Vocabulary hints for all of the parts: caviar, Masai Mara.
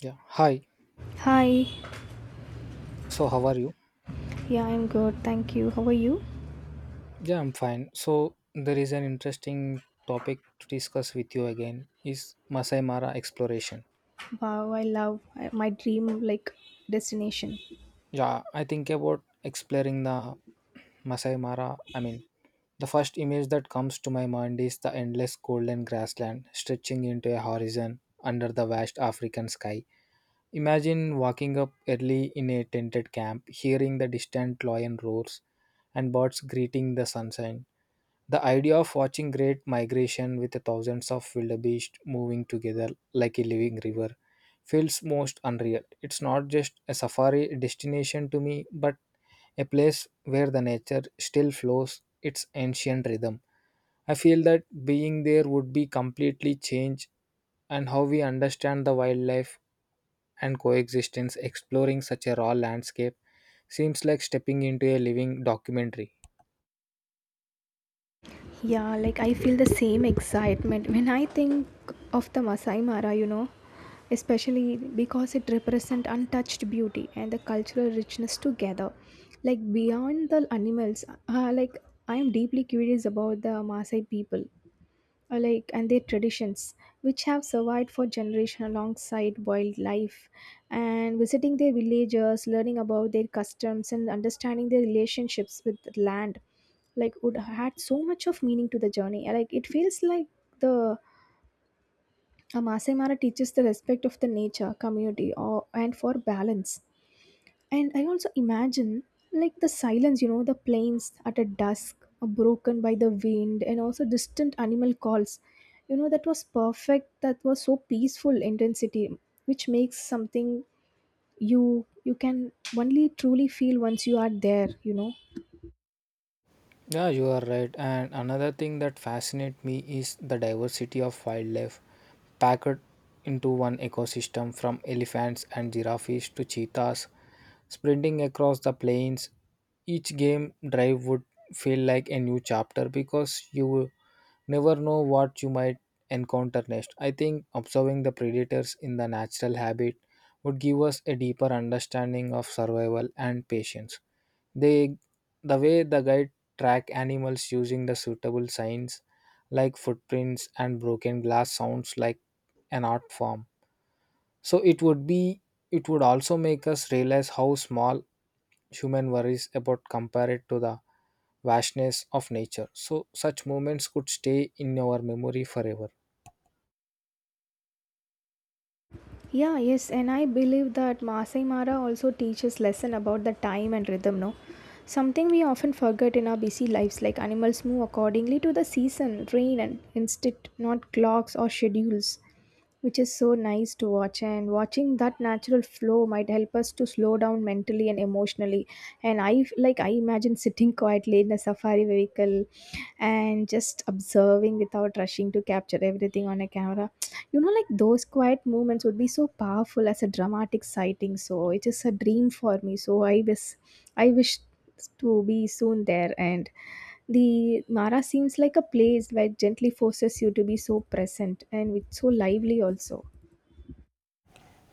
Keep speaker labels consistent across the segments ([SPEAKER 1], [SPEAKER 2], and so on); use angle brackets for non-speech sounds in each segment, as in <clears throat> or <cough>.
[SPEAKER 1] Yeah. Hi.
[SPEAKER 2] Hi,
[SPEAKER 1] So, how are you?
[SPEAKER 2] yeah, I'm good. Thank you. How are you?
[SPEAKER 1] Yeah, I'm fine. So, there is an interesting topic to discuss with you again is Masai Mara exploration.
[SPEAKER 2] Wow, I love my dream like destination.
[SPEAKER 1] Yeah, I think about exploring the Masai Mara. The first image that comes to my mind is the endless golden grassland stretching into a horizon under the vast African sky. Imagine walking up early in a tented camp, hearing the distant lion roars and birds greeting the sunshine. The idea of watching great migration with the thousands of wildebeest moving together like a living river feels most unreal. It's not just a safari destination to me, but a place where the nature still flows its ancient rhythm. I feel that being there would be completely change and how we understand the wildlife and coexistence exploring such a raw landscape seems like stepping into a living documentary.
[SPEAKER 2] Yeah, like I feel the same excitement when I think of the Masai Mara, especially because it represents untouched beauty and the cultural richness together. Like beyond the animals, like I am deeply curious about the Maasai people and their traditions, which have survived for generations alongside wildlife. And visiting their villages, learning about their customs, and understanding their relationships with the land, like would add so much of meaning to the journey. Like it feels like the a Masai Mara teaches the respect of the nature, community, or and for balance. And I also imagine like the silence, you know, the plains at a dusk, are broken by the wind, and also distant animal calls. You know, that was perfect. That was so peaceful intensity, which makes something you can only truly feel once you are there. You know.
[SPEAKER 1] Yeah, you are right. And another thing that fascinates me is the diversity of wildlife packed into one ecosystem from elephants and giraffes to cheetahs sprinting across the plains. Each game drive would feel like a new chapter because you never know what you might encounter next. I think observing the predators in the natural habit would give us a deeper understanding of survival and patience. They the way the guide track animals using the suitable signs like footprints and broken glass sounds like an art form. So it would also make us realize how small human worries about compared to the vastness of nature. So such moments could stay in our memory forever.
[SPEAKER 2] Yeah, yes, and I believe that Masai Mara also teaches lesson about the time and rhythm, no? Something we often forget in our busy lives, like animals move accordingly to the season, rain, and instinct, not clocks or schedules, which is so nice to watch. And watching that natural flow might help us to slow down mentally and emotionally. And like I imagine sitting quietly in a safari vehicle and just observing without rushing to capture everything on a camera, you know, like those quiet moments would be so powerful as a dramatic sighting. So it is a dream for me, so I wish to be soon there, and the Mara seems like a place where gently forces you to be so present and with so lively also.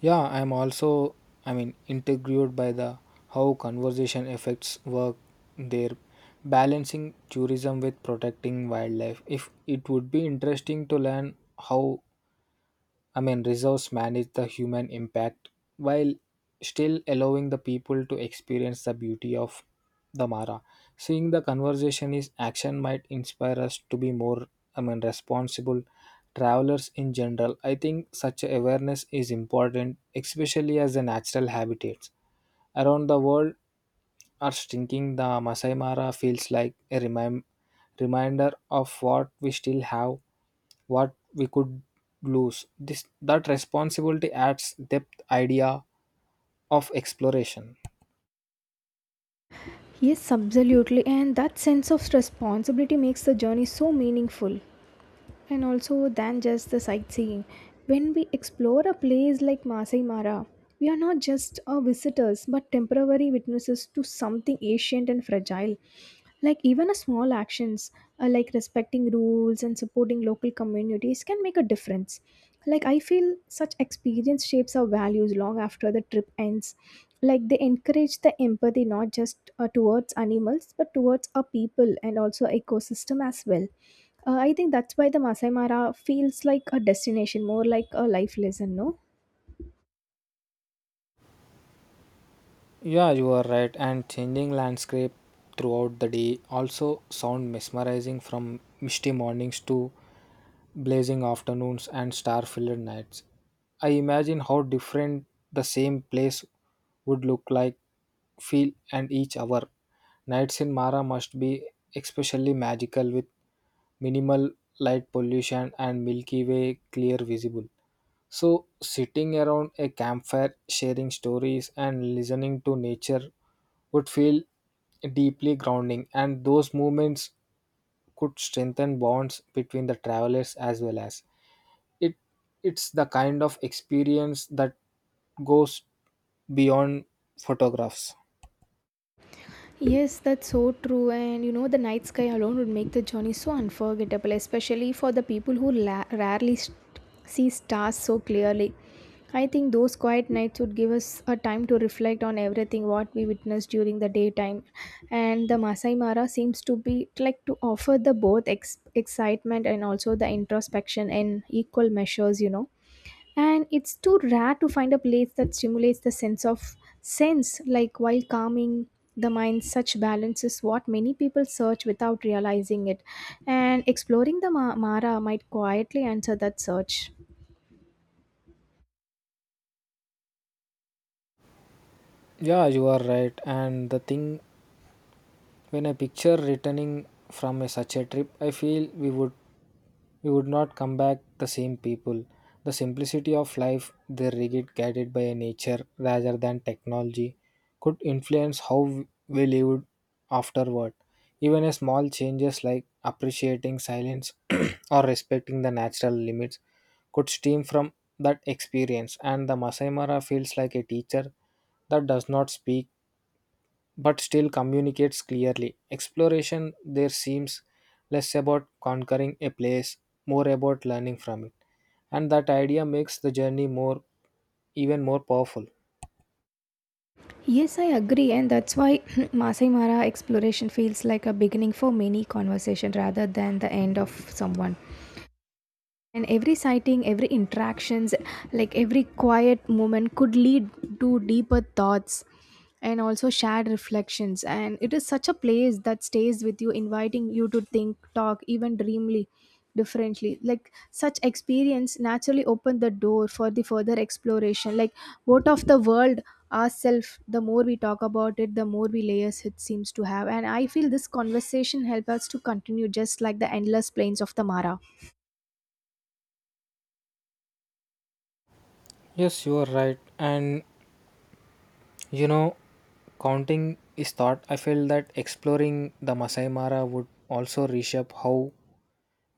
[SPEAKER 1] Yeah, I'm also, I mean, intrigued by the how conservation affects work there, balancing tourism with protecting wildlife. If it would be interesting to learn how, I mean, reserves manage the human impact while still allowing the people to experience the beauty of the Mara. Seeing the conversation is action might inspire us to be more, I mean, responsible travelers in general. I think such awareness is important, especially as a natural habitat around the world are stinking, the Masai Mara feels like a reminder of what we still have, what we could lose. This that responsibility adds depth idea of exploration.
[SPEAKER 2] Yes, absolutely, and that sense of responsibility makes the journey so meaningful and also than just the sightseeing. When we explore a place like Masai Mara, we are not just visitors but temporary witnesses to something ancient and fragile. Like even a small actions, like respecting rules and supporting local communities can make a difference. Like I feel such experience shapes our values long after the trip ends. Like they encourage the empathy not just towards animals but towards our people and also ecosystem as well. I think that's why the Masai Mara feels like a destination, more like a life lesson, no?
[SPEAKER 1] Yeah, you are right. And changing landscape throughout the day also sound mesmerizing from misty mornings to blazing afternoons and star filled nights. I imagine how different the same place would look like, feel, and each hour. Nights in Mara must be especially magical with minimal light pollution and Milky Way clear visible. So, sitting around a campfire, sharing stories, and listening to nature would feel deeply grounding, and those moments could strengthen bonds between the travelers as well as it it's the kind of experience that goes beyond photographs.
[SPEAKER 2] Yes, that's so true. And you know, the night sky alone would make the journey so unforgettable, especially for the people who rarely see stars so clearly. I think those quiet nights would give us a time to reflect on everything what we witnessed during the daytime. And the Masai Mara seems to be like to offer the both excitement and also the introspection in equal measures, you know. And it's too rare to find a place that stimulates the sense of sense like while calming the mind. Such balance is what many people search without realizing it, and exploring the Mara might quietly answer that search.
[SPEAKER 1] Yeah, you are right. And the thing when I picture returning from a, such a trip I feel we would not come back the same people. The simplicity of life, the rigid guided by nature rather than technology, could influence how we lived afterward. Even a small changes like appreciating silence <clears throat> or respecting the natural limits could stem from that experience. And the Masai Mara feels like a teacher that does not speak but still communicates clearly. Exploration there seems less about conquering a place, more about learning from it. And that idea makes the journey more even more powerful.
[SPEAKER 2] Yes, I agree, and that's why <clears throat> Masai Mara exploration feels like a beginning for many conversation rather than the end of someone. And every sighting, every interactions, like every quiet moment could lead to deeper thoughts and also shared reflections. And it is such a place that stays with you, inviting you to think, talk, even dreamly differently. Like such experience naturally open the door for the further exploration. Like what of the world ourself, the more we talk about it, the more we layers it seems to have. And I feel this conversation help us to continue just like the endless plains of the Mara.
[SPEAKER 1] Yes, you are right. And you know, counting is thought. I feel that exploring the Masai Mara would also reshape how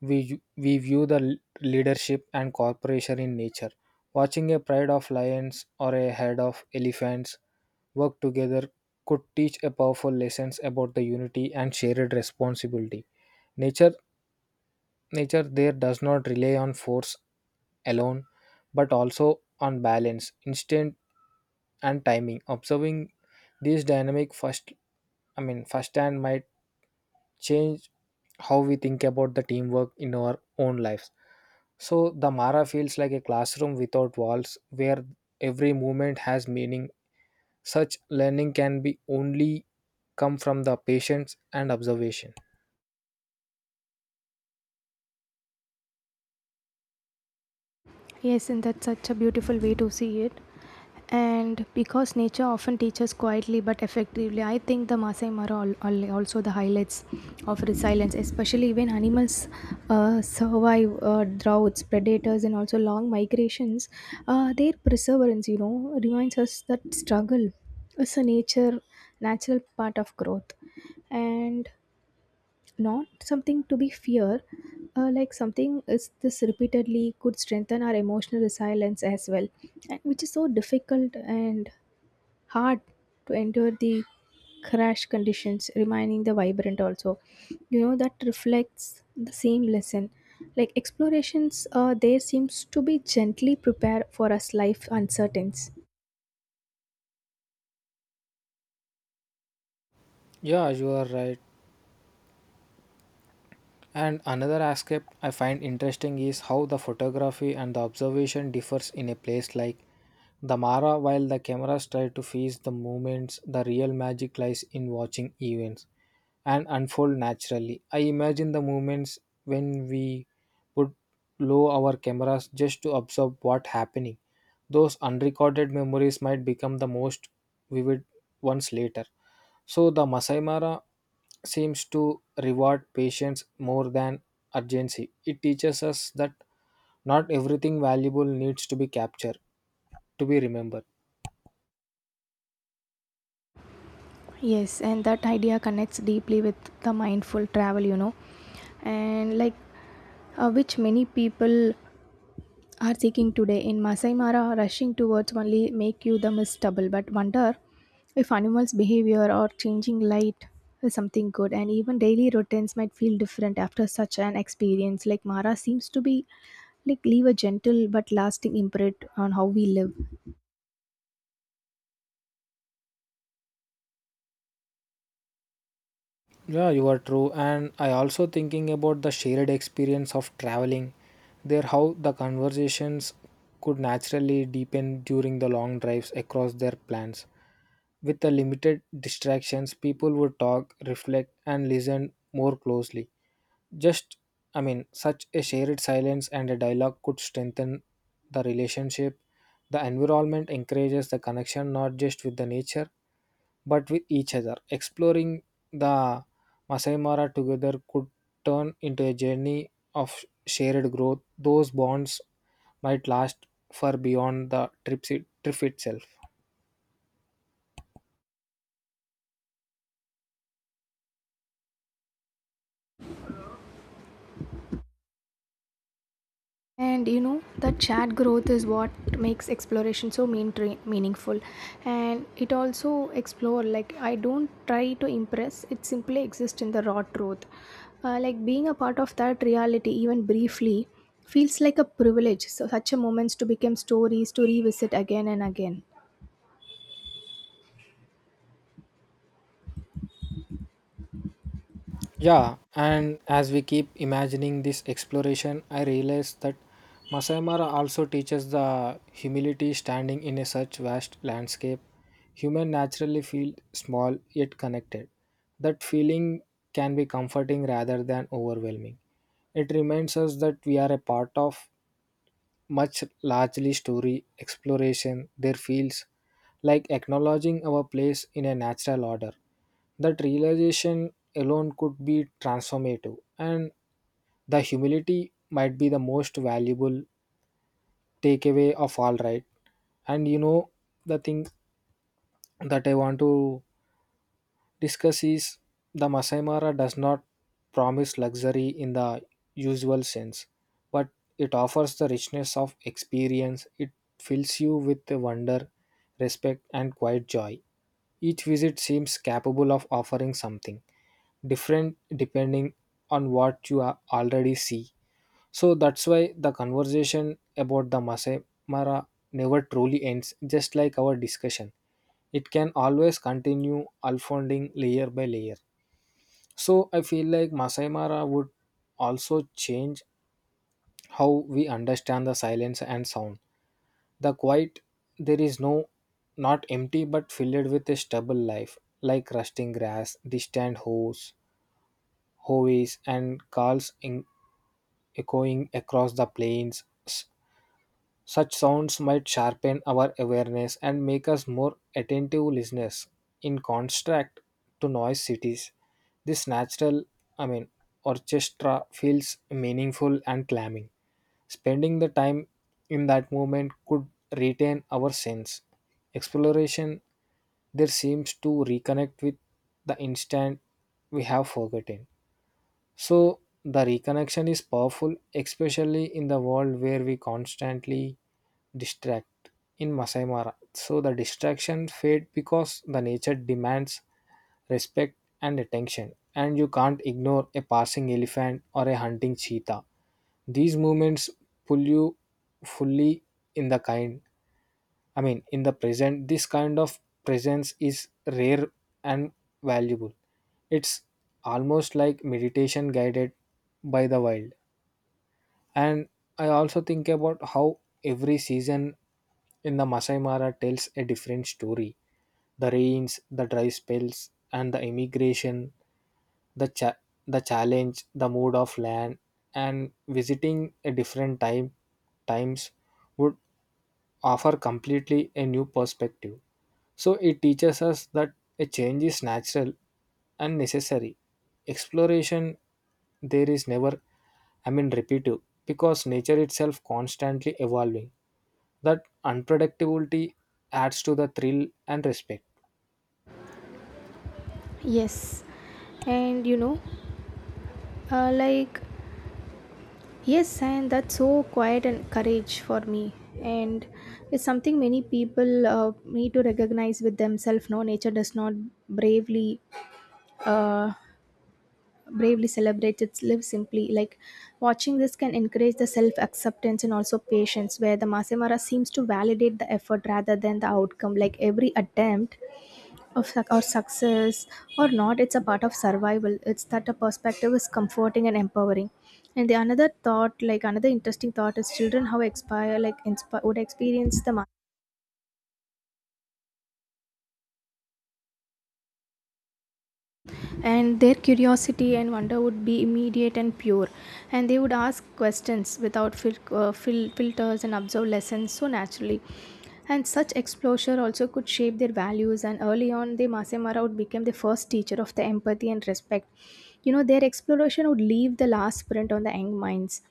[SPEAKER 1] We, we view the leadership and cooperation in nature. Watching a pride of lions or a herd of elephants work together could teach a powerful lessons about the unity and shared responsibility. Nature Nature there does not rely on force alone, but also on balance, instinct, and timing. Observing these dynamic first, I mean, firsthand might change how we think about the teamwork in our own lives. So the Mara feels like a classroom without walls, where every movement has meaning. Such learning can be only come from the patience and observation.
[SPEAKER 2] Yes, and that's such a beautiful way to see it. And because nature often teaches quietly but effectively, I think the Masai Mara also the highlights of resilience, especially when animals survive droughts, predators, and also long migrations. Their perseverance, you know, reminds us that struggle is a nature natural part of growth and not something to be fear. Like something is this repeatedly could strengthen our emotional resilience as well, and which is so difficult and hard to endure the crash conditions remaining the vibrant also. You know that reflects the same lesson, like explorations there seems to be gently prepare for us life uncertainties.
[SPEAKER 1] Yeah, you are right. And another aspect I find interesting is how the photography and the observation differs in a place like the Mara while the cameras try to freeze the moments, the real magic lies in watching events and unfold naturally. I imagine the moments when we would lower our cameras just to observe what happening. Those unrecorded memories might become the most vivid ones later. So the Masai Mara seems to reward patience more than urgency. It teaches us that not everything valuable needs to be captured to be remembered.
[SPEAKER 2] Yes, and that idea connects deeply with the mindful travel, you know, and like which many people are seeking today in Masai Mara, rushing towards only make you the mistable, but wonder if animals' behavior or changing light is something good, and even daily routines might feel different after such an experience. Like Mara seems to be like leave a gentle but lasting imprint on how we live.
[SPEAKER 1] Yeah, you are true. And I also thinking about the shared experience of traveling. There how the conversations could naturally deepen during the long drives across their plans. With the limited distractions, people would talk, reflect and listen more closely. Just, I mean, such a shared silence and a dialogue could strengthen the relationship. The environment encourages the connection not just with the nature but with each other. Exploring the Masai Mara together could turn into a journey of shared growth. Those bonds might last far beyond the trip itself.
[SPEAKER 2] And you know that chat growth is what makes exploration so meaningful, and it also explore like I don't try to impress; it simply exists in the raw truth. Like being a part of that reality, even briefly, feels like a privilege. So such a moments to become stories to revisit again and again.
[SPEAKER 1] Yeah, and as we keep imagining this exploration, I realize that Masai Mara also teaches the humility standing in a such vast landscape. Human naturally feel small yet connected. That feeling can be comforting rather than overwhelming. It reminds us that we are a part of much largely story exploration there feels like acknowledging our place in a natural order. That realization alone could be transformative and the humility might be the most valuable takeaway of all right. And you know, the thing that I want to discuss is the Masai Mara does not promise luxury in the usual sense, but it offers the richness of experience. It fills you with the wonder, respect, and quiet joy. Each visit seems capable of offering something different depending on what you already see. So that's why the conversation about the Masai Mara never truly ends, just like our discussion. It can always continue unfolding layer by layer. So I feel like Masai Mara would also change how we understand the silence and sound. The quiet there is no not empty but filled with a stubble life, like rusting grass, hoes and calls in, echoing across the plains. Such sounds might sharpen our awareness and make us more attentive listeners. In contrast to noise cities, this natural, I mean, orchestra feels meaningful and calming. Spending the time in that moment could retain our sense. Exploration there seems to reconnect with the instant we have forgotten. So the reconnection is powerful, especially in the world where we constantly distract in Masai Mara. So the distraction fade because the nature demands respect and attention, and you can't ignore a passing elephant or a hunting cheetah. These movements pull you fully in the kind. I mean, in the present, this kind of presence is rare and valuable. It's almost like meditation guided by the wild. And I also think about how every season in the Masai Mara tells a different story. The rains, the dry spells, and the immigration, the cha- the challenge, the mood of land, and visiting a different time times would offer completely a new perspective. So it teaches us that a change is natural and necessary. Exploration there is never, I mean, repetitive because nature itself constantly evolving. That unpredictability adds to the thrill and respect.
[SPEAKER 2] Yes, and you know, uh, like yes, and that's so quiet and courage for me. And it's something many people need to recognize with themselves. No, nature does not bravely, uh, bravely celebrate its live simply. Like watching this can encourage the self acceptance and also patience, where the Masemara seems to validate the effort rather than the outcome. Like every attempt of suc- or success or not, it's a part of survival. It's that the perspective is comforting and empowering. And the another thought, like another interesting thought, is children how expire like inspire would experience the, and their curiosity and wonder would be immediate and pure. And they would ask questions without filters and observe lessons so naturally. And such exposure also could shape their values and early on, the Masemara would become the first teacher of the empathy and respect. You know, their exploration would leave the last print on the young minds.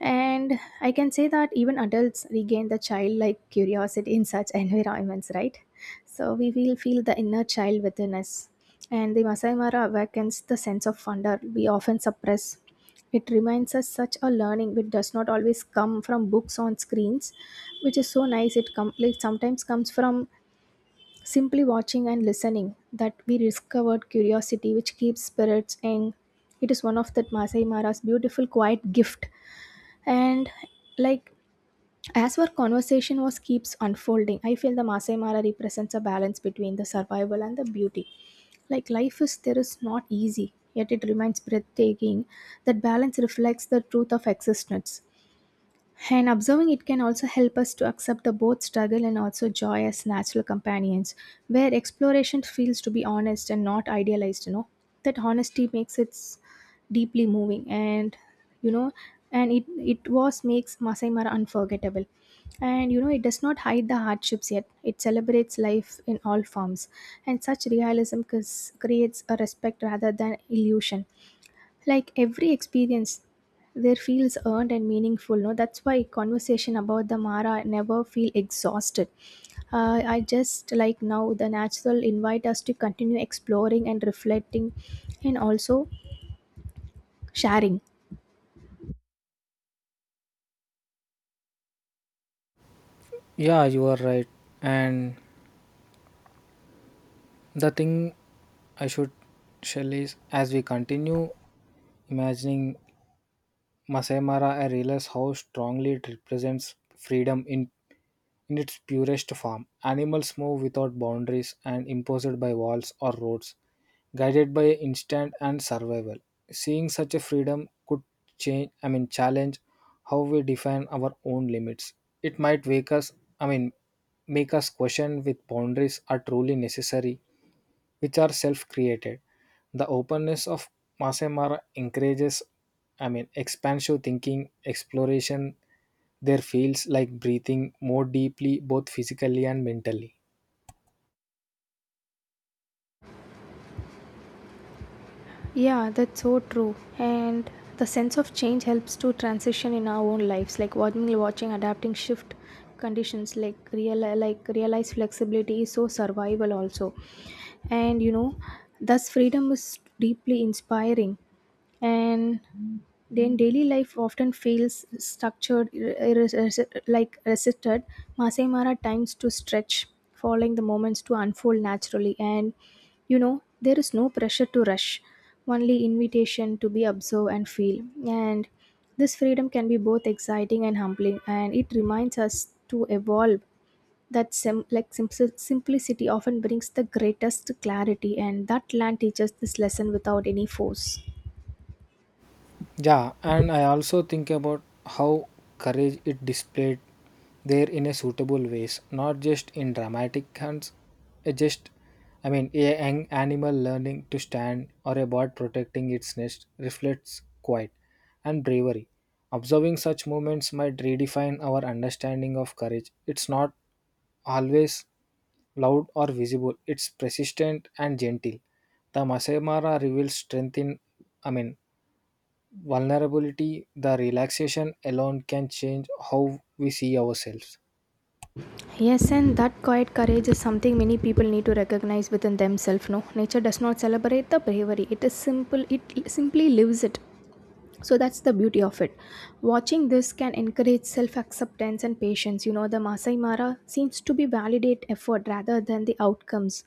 [SPEAKER 2] And I can say that even adults regain the childlike curiosity in such environments, right? So we will feel the inner child within us. And the Masai Mara awakens the sense of wonder we often suppress. It reminds us such a learning which does not always come from books on screens, which is so nice. It, it sometimes comes from simply watching and listening that we discovered curiosity which keeps spirits. And it is one of that Masai Mara's beautiful quiet gift. And like as our conversation was keeps unfolding, I feel the Masai Mara represents a balance between the survival and the beauty. Like life is there is not easy, yet it remains breathtaking. That balance reflects the truth of existence. And observing it can also help us to accept the both struggle and also joy as natural companions, where exploration feels to be honest and not idealized, you know. That honesty makes it deeply moving. And you know, and it was makes Masai Mara unforgettable. And you know, it does not hide the hardships yet. It celebrates life in all forms. And such realism creates a respect rather than illusion. Like every experience there feels earned and meaningful, no? That's why conversation about the Mara never feel exhausted. I just like now the natural invite us to continue exploring and reflecting and also sharing.
[SPEAKER 1] Yeah, you are right. And the thing I should shall is as we continue imagining Masayamara, I realize how strongly it represents freedom in its purest form. Animals move without boundaries and imposed by walls or roads, guided by instinct and survival. Seeing such a freedom could change, I mean, challenge how we define our own limits. It might wake us, I mean, make us question with boundaries are truly necessary which are self-created. The openness of Masemara encourages, I mean, expansive thinking, exploration. There feels like breathing more deeply, both physically and mentally.
[SPEAKER 2] Yeah, that's so true. And the sense of change helps to transition in our own lives, like watching adapting shift conditions, like realize flexibility is so survival also. And you know, thus freedom is deeply inspiring. And then daily life often feels structured, like resisted. Masai Mara times to stretch, following the moments to unfold naturally. And you know, there is no pressure to rush, only invitation to be observed and feel. And this freedom can be both exciting and humbling, and it reminds us to evolve. That sim- like simple simplicity often brings the greatest clarity, and that land teaches this lesson without any force.
[SPEAKER 1] Yeah, and I also think about how courage it displayed there in a suitable ways, not just in dramatic hunts, it just, I mean, a young animal learning to stand or a bird protecting its nest reflects quiet and bravery. Observing such moments might redefine our understanding of courage. It's not always loud or visible, it's persistent and gentle. The Masai Mara reveals strength in, I mean, vulnerability, the relaxation alone can change how we see ourselves.
[SPEAKER 2] Yes, and that quiet courage is something many people need to recognize within themselves. No, nature does not celebrate the bravery. It is simple, it simply lives it. So that's the beauty of it. Watching this can encourage self-acceptance and patience. You know, the Masai Mara seems to be validate effort rather than the outcomes.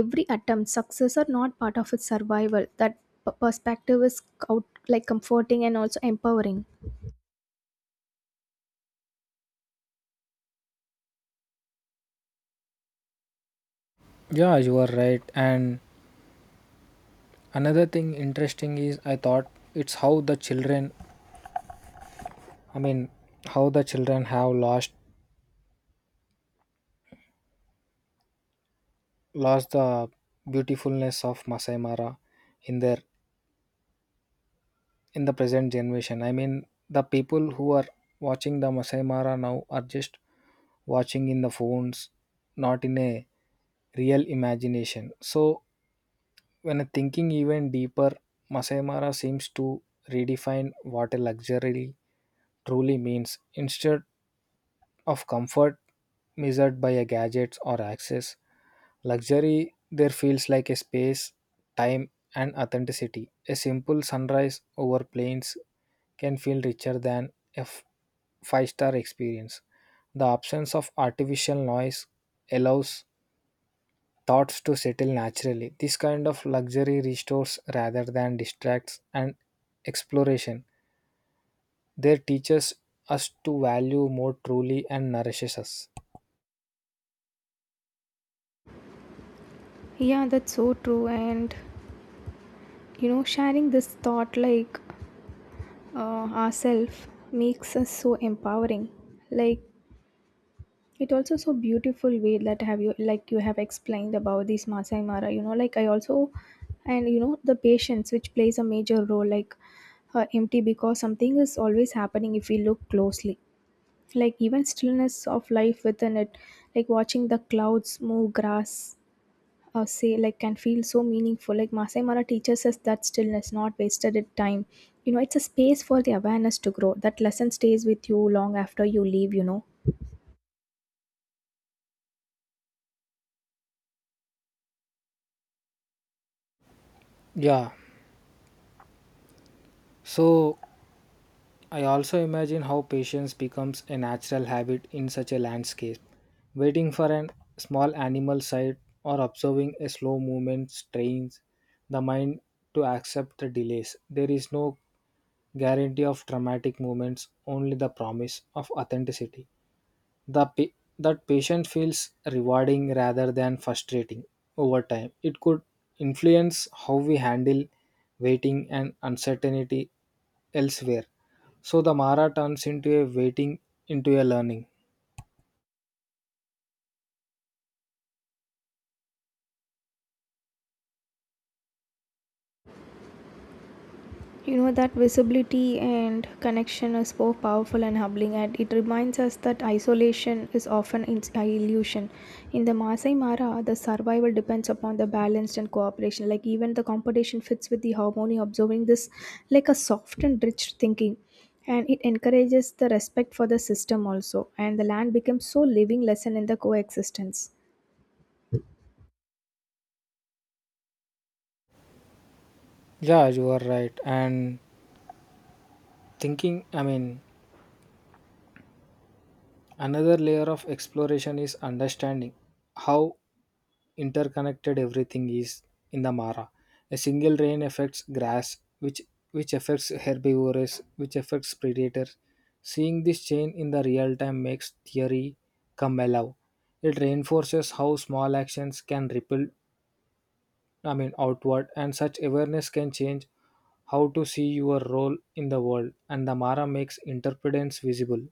[SPEAKER 2] Every attempt success or not part of its survival. That perspective is out, like comforting and also empowering.
[SPEAKER 1] Yeah, you are right. And another thing interesting is I thought it's how the children, I mean, how the children have lost the beautifulness of Masai Mara in their in the present generation. I mean, the people who are watching the Masai Mara now are just watching in the phones, not in a real imagination. So when thinking even deeper, Masai Mara seems to redefine what a luxury truly means. Instead of comfort measured by a gadgets or access, luxury there feels like a space, time, and authenticity. A simple sunrise over plains can feel richer than a five-star experience. The absence of artificial noise allows thoughts to settle naturally. This kind of luxury restores rather than distracts and exploration. They teaches us to value more truly and nourishes us.
[SPEAKER 2] Yeah, that's so true. And you know, sharing this thought, like, ourself makes us so empowering. Like it also so beautiful way that have you like you have explained about this Masai Mara, you know, like I also. And you know, the patience which plays a major role, like empty because something is always happening if we look closely. Like even stillness of life within it, like watching the clouds move grass, say like, can feel so meaningful. Like Masai Mara teaches us that stillness not wasted it time. You know, it's a space for the awareness to grow. That lesson stays with you long after you leave, you know.
[SPEAKER 1] Yeah. So I also imagine how patience becomes a natural habit in such a landscape. Waiting for a small animal sight or observing a slow movement strains the mind to accept the delays. There is no guarantee of dramatic movements, only the promise of authenticity. the pa- that patient feels rewarding rather than frustrating. Over time it could influence how we handle waiting and uncertainty elsewhere. So the mara turns into a waiting into a learning.
[SPEAKER 2] You know that visibility and connection is so powerful and humbling, and it reminds us that isolation is often an illusion. In the Masai Mara, the survival depends upon the balanced and cooperation, like even the competition fits with the harmony. Observing this, like a soft and rich thinking, and it encourages the respect for the system also, and the land becomes so living lesson in the coexistence.
[SPEAKER 1] Yeah, you are right. And thinking, I mean, another layer of exploration is understanding how interconnected everything is in the Mara. A single rain affects grass, which affects herbivores, which affects predators. Seeing this chain in the real time makes theory come alive. It reinforces how small actions can ripple, I mean, outward, and such awareness can change how to see your role in the world. And the Mara makes interpretance visible.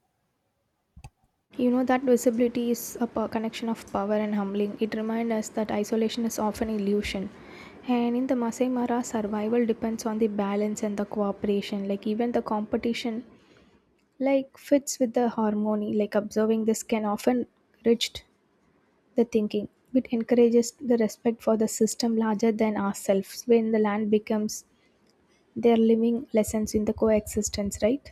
[SPEAKER 2] You know that visibility is a connection of power and humbling. It reminds us that isolation is often illusion. And in the Masai Mara, survival depends on the balance and the cooperation. Like even the competition, like fits with the harmony. Like observing this can often enrich the thinking. It encourages the respect for the system larger than ourselves. When the land becomes their living lessons in the coexistence, right?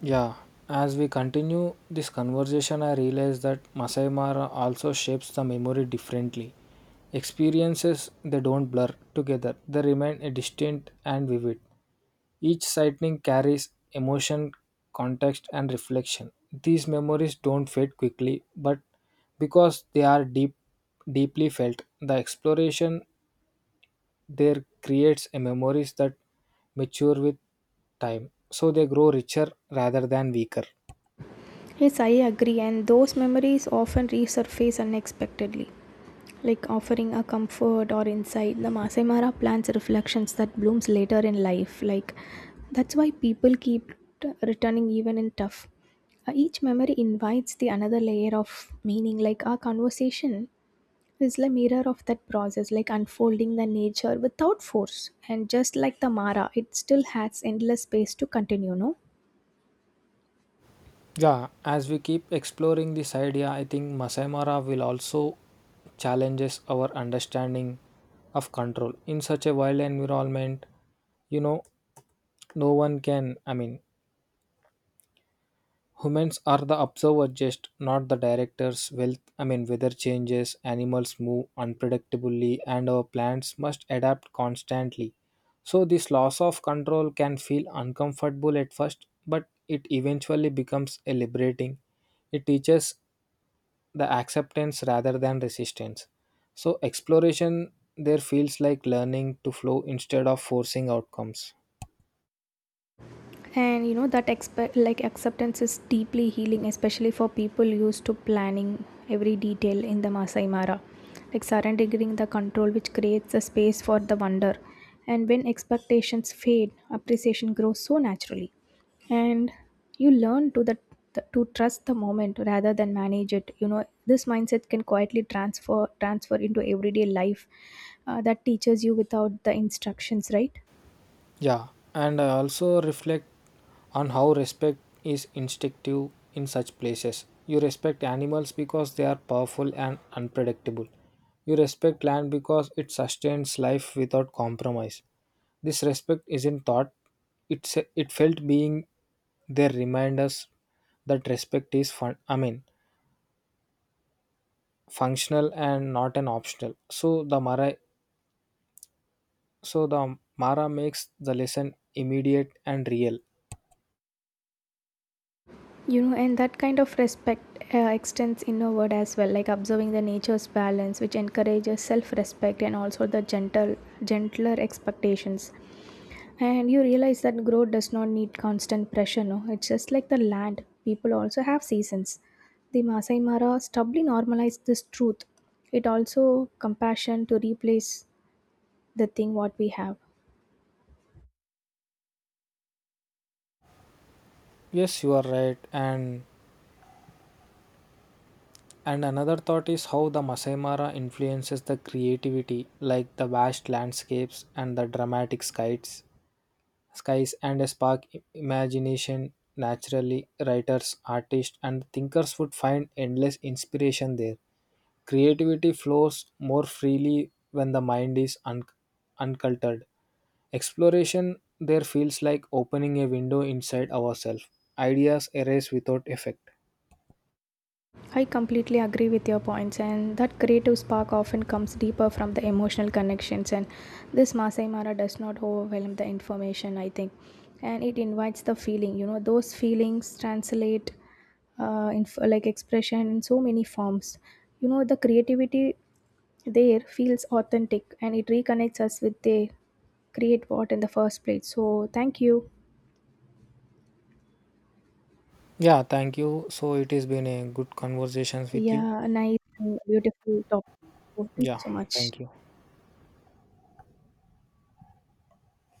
[SPEAKER 1] Yeah, as we continue this conversation, I realize that Masai Mara also shapes the memory differently. Experiences they don't blur together, they remain distinct and vivid. Each sighting carries emotion, context, and reflection. These memories don't fade quickly, but because they are deep, deeply felt, the exploration there creates a memories that mature with time, so they grow richer rather than weaker.
[SPEAKER 2] Yes, I agree, and those memories often resurface unexpectedly, like offering a comfort or insight. The Masai Mara plants reflections that blooms later in life. Like that's why people keep returning even in tough. Each memory invites the another layer of meaning. Like our conversation is the mirror of that process, like unfolding the nature without force. And just like the Mara, it still has endless space to continue. No.
[SPEAKER 1] Yeah, as we keep exploring this idea, I think Masai Mara will also challenges our understanding of control. In such a wild environment, you know, no one can, I mean, humans are the observer, just not the directors. Wealth, I mean, weather changes, animals move unpredictably, and our plants must adapt constantly. So, this loss of control can feel uncomfortable at first, but it eventually becomes a liberating. It teaches the acceptance rather than resistance. So, exploration there feels like learning to flow instead of forcing outcomes.
[SPEAKER 2] And you know that acceptance is deeply healing, especially for people used to planning every detail. In the Masai Mara, like surrendering the control which creates a space for the wonder, and when expectations fade, appreciation grows so naturally. And you learn to the to trust the moment rather than manage it. You know, this mindset can quietly transfer into everyday life. That teaches you without the instructions, right?
[SPEAKER 1] Yeah, and I also reflect on how respect is instinctive in such places. You respect animals because they are powerful and unpredictable. You respect land because it sustains life without compromise. This respect isn't thought, it's it felt being there remind us that respect is fun, I mean, functional and not an optional. So the mara makes the lesson immediate and real.
[SPEAKER 2] You know, and that kind of respect extends inward as well, like observing the nature's balance, which encourages self-respect and also the gentler expectations. And you realize that growth does not need constant pressure. No, it's just like the land. People also have seasons. The Masai Mara stubbornly normalized this truth. It also compassion to replace the thing what we have.
[SPEAKER 1] Yes, you are right. And another thought is how the masai mara influences the creativity like the vast landscapes and the dramatic skies skies and a spark imagination naturally. Writers artists and thinkers would find endless inspiration there. Creativity flows more freely when the mind is uncultured. Exploration there feels like opening a window inside ourselves. Ideas arise without effect.
[SPEAKER 2] I completely agree with your points, and that creative spark often comes deeper from the emotional connections. And this Masai Mara does not overwhelm the information, I think, and it invites the feeling. You know, those feelings translate like expression in so many forms. You know, the creativity there feels authentic, and it reconnects us with the create what in the first place. So, thank you.
[SPEAKER 1] Yeah, thank you. So it has been a good conversations with you.
[SPEAKER 2] Yeah, a nice and beautiful topic. So, thank you
[SPEAKER 1] Yeah,
[SPEAKER 2] so much.
[SPEAKER 1] thank you.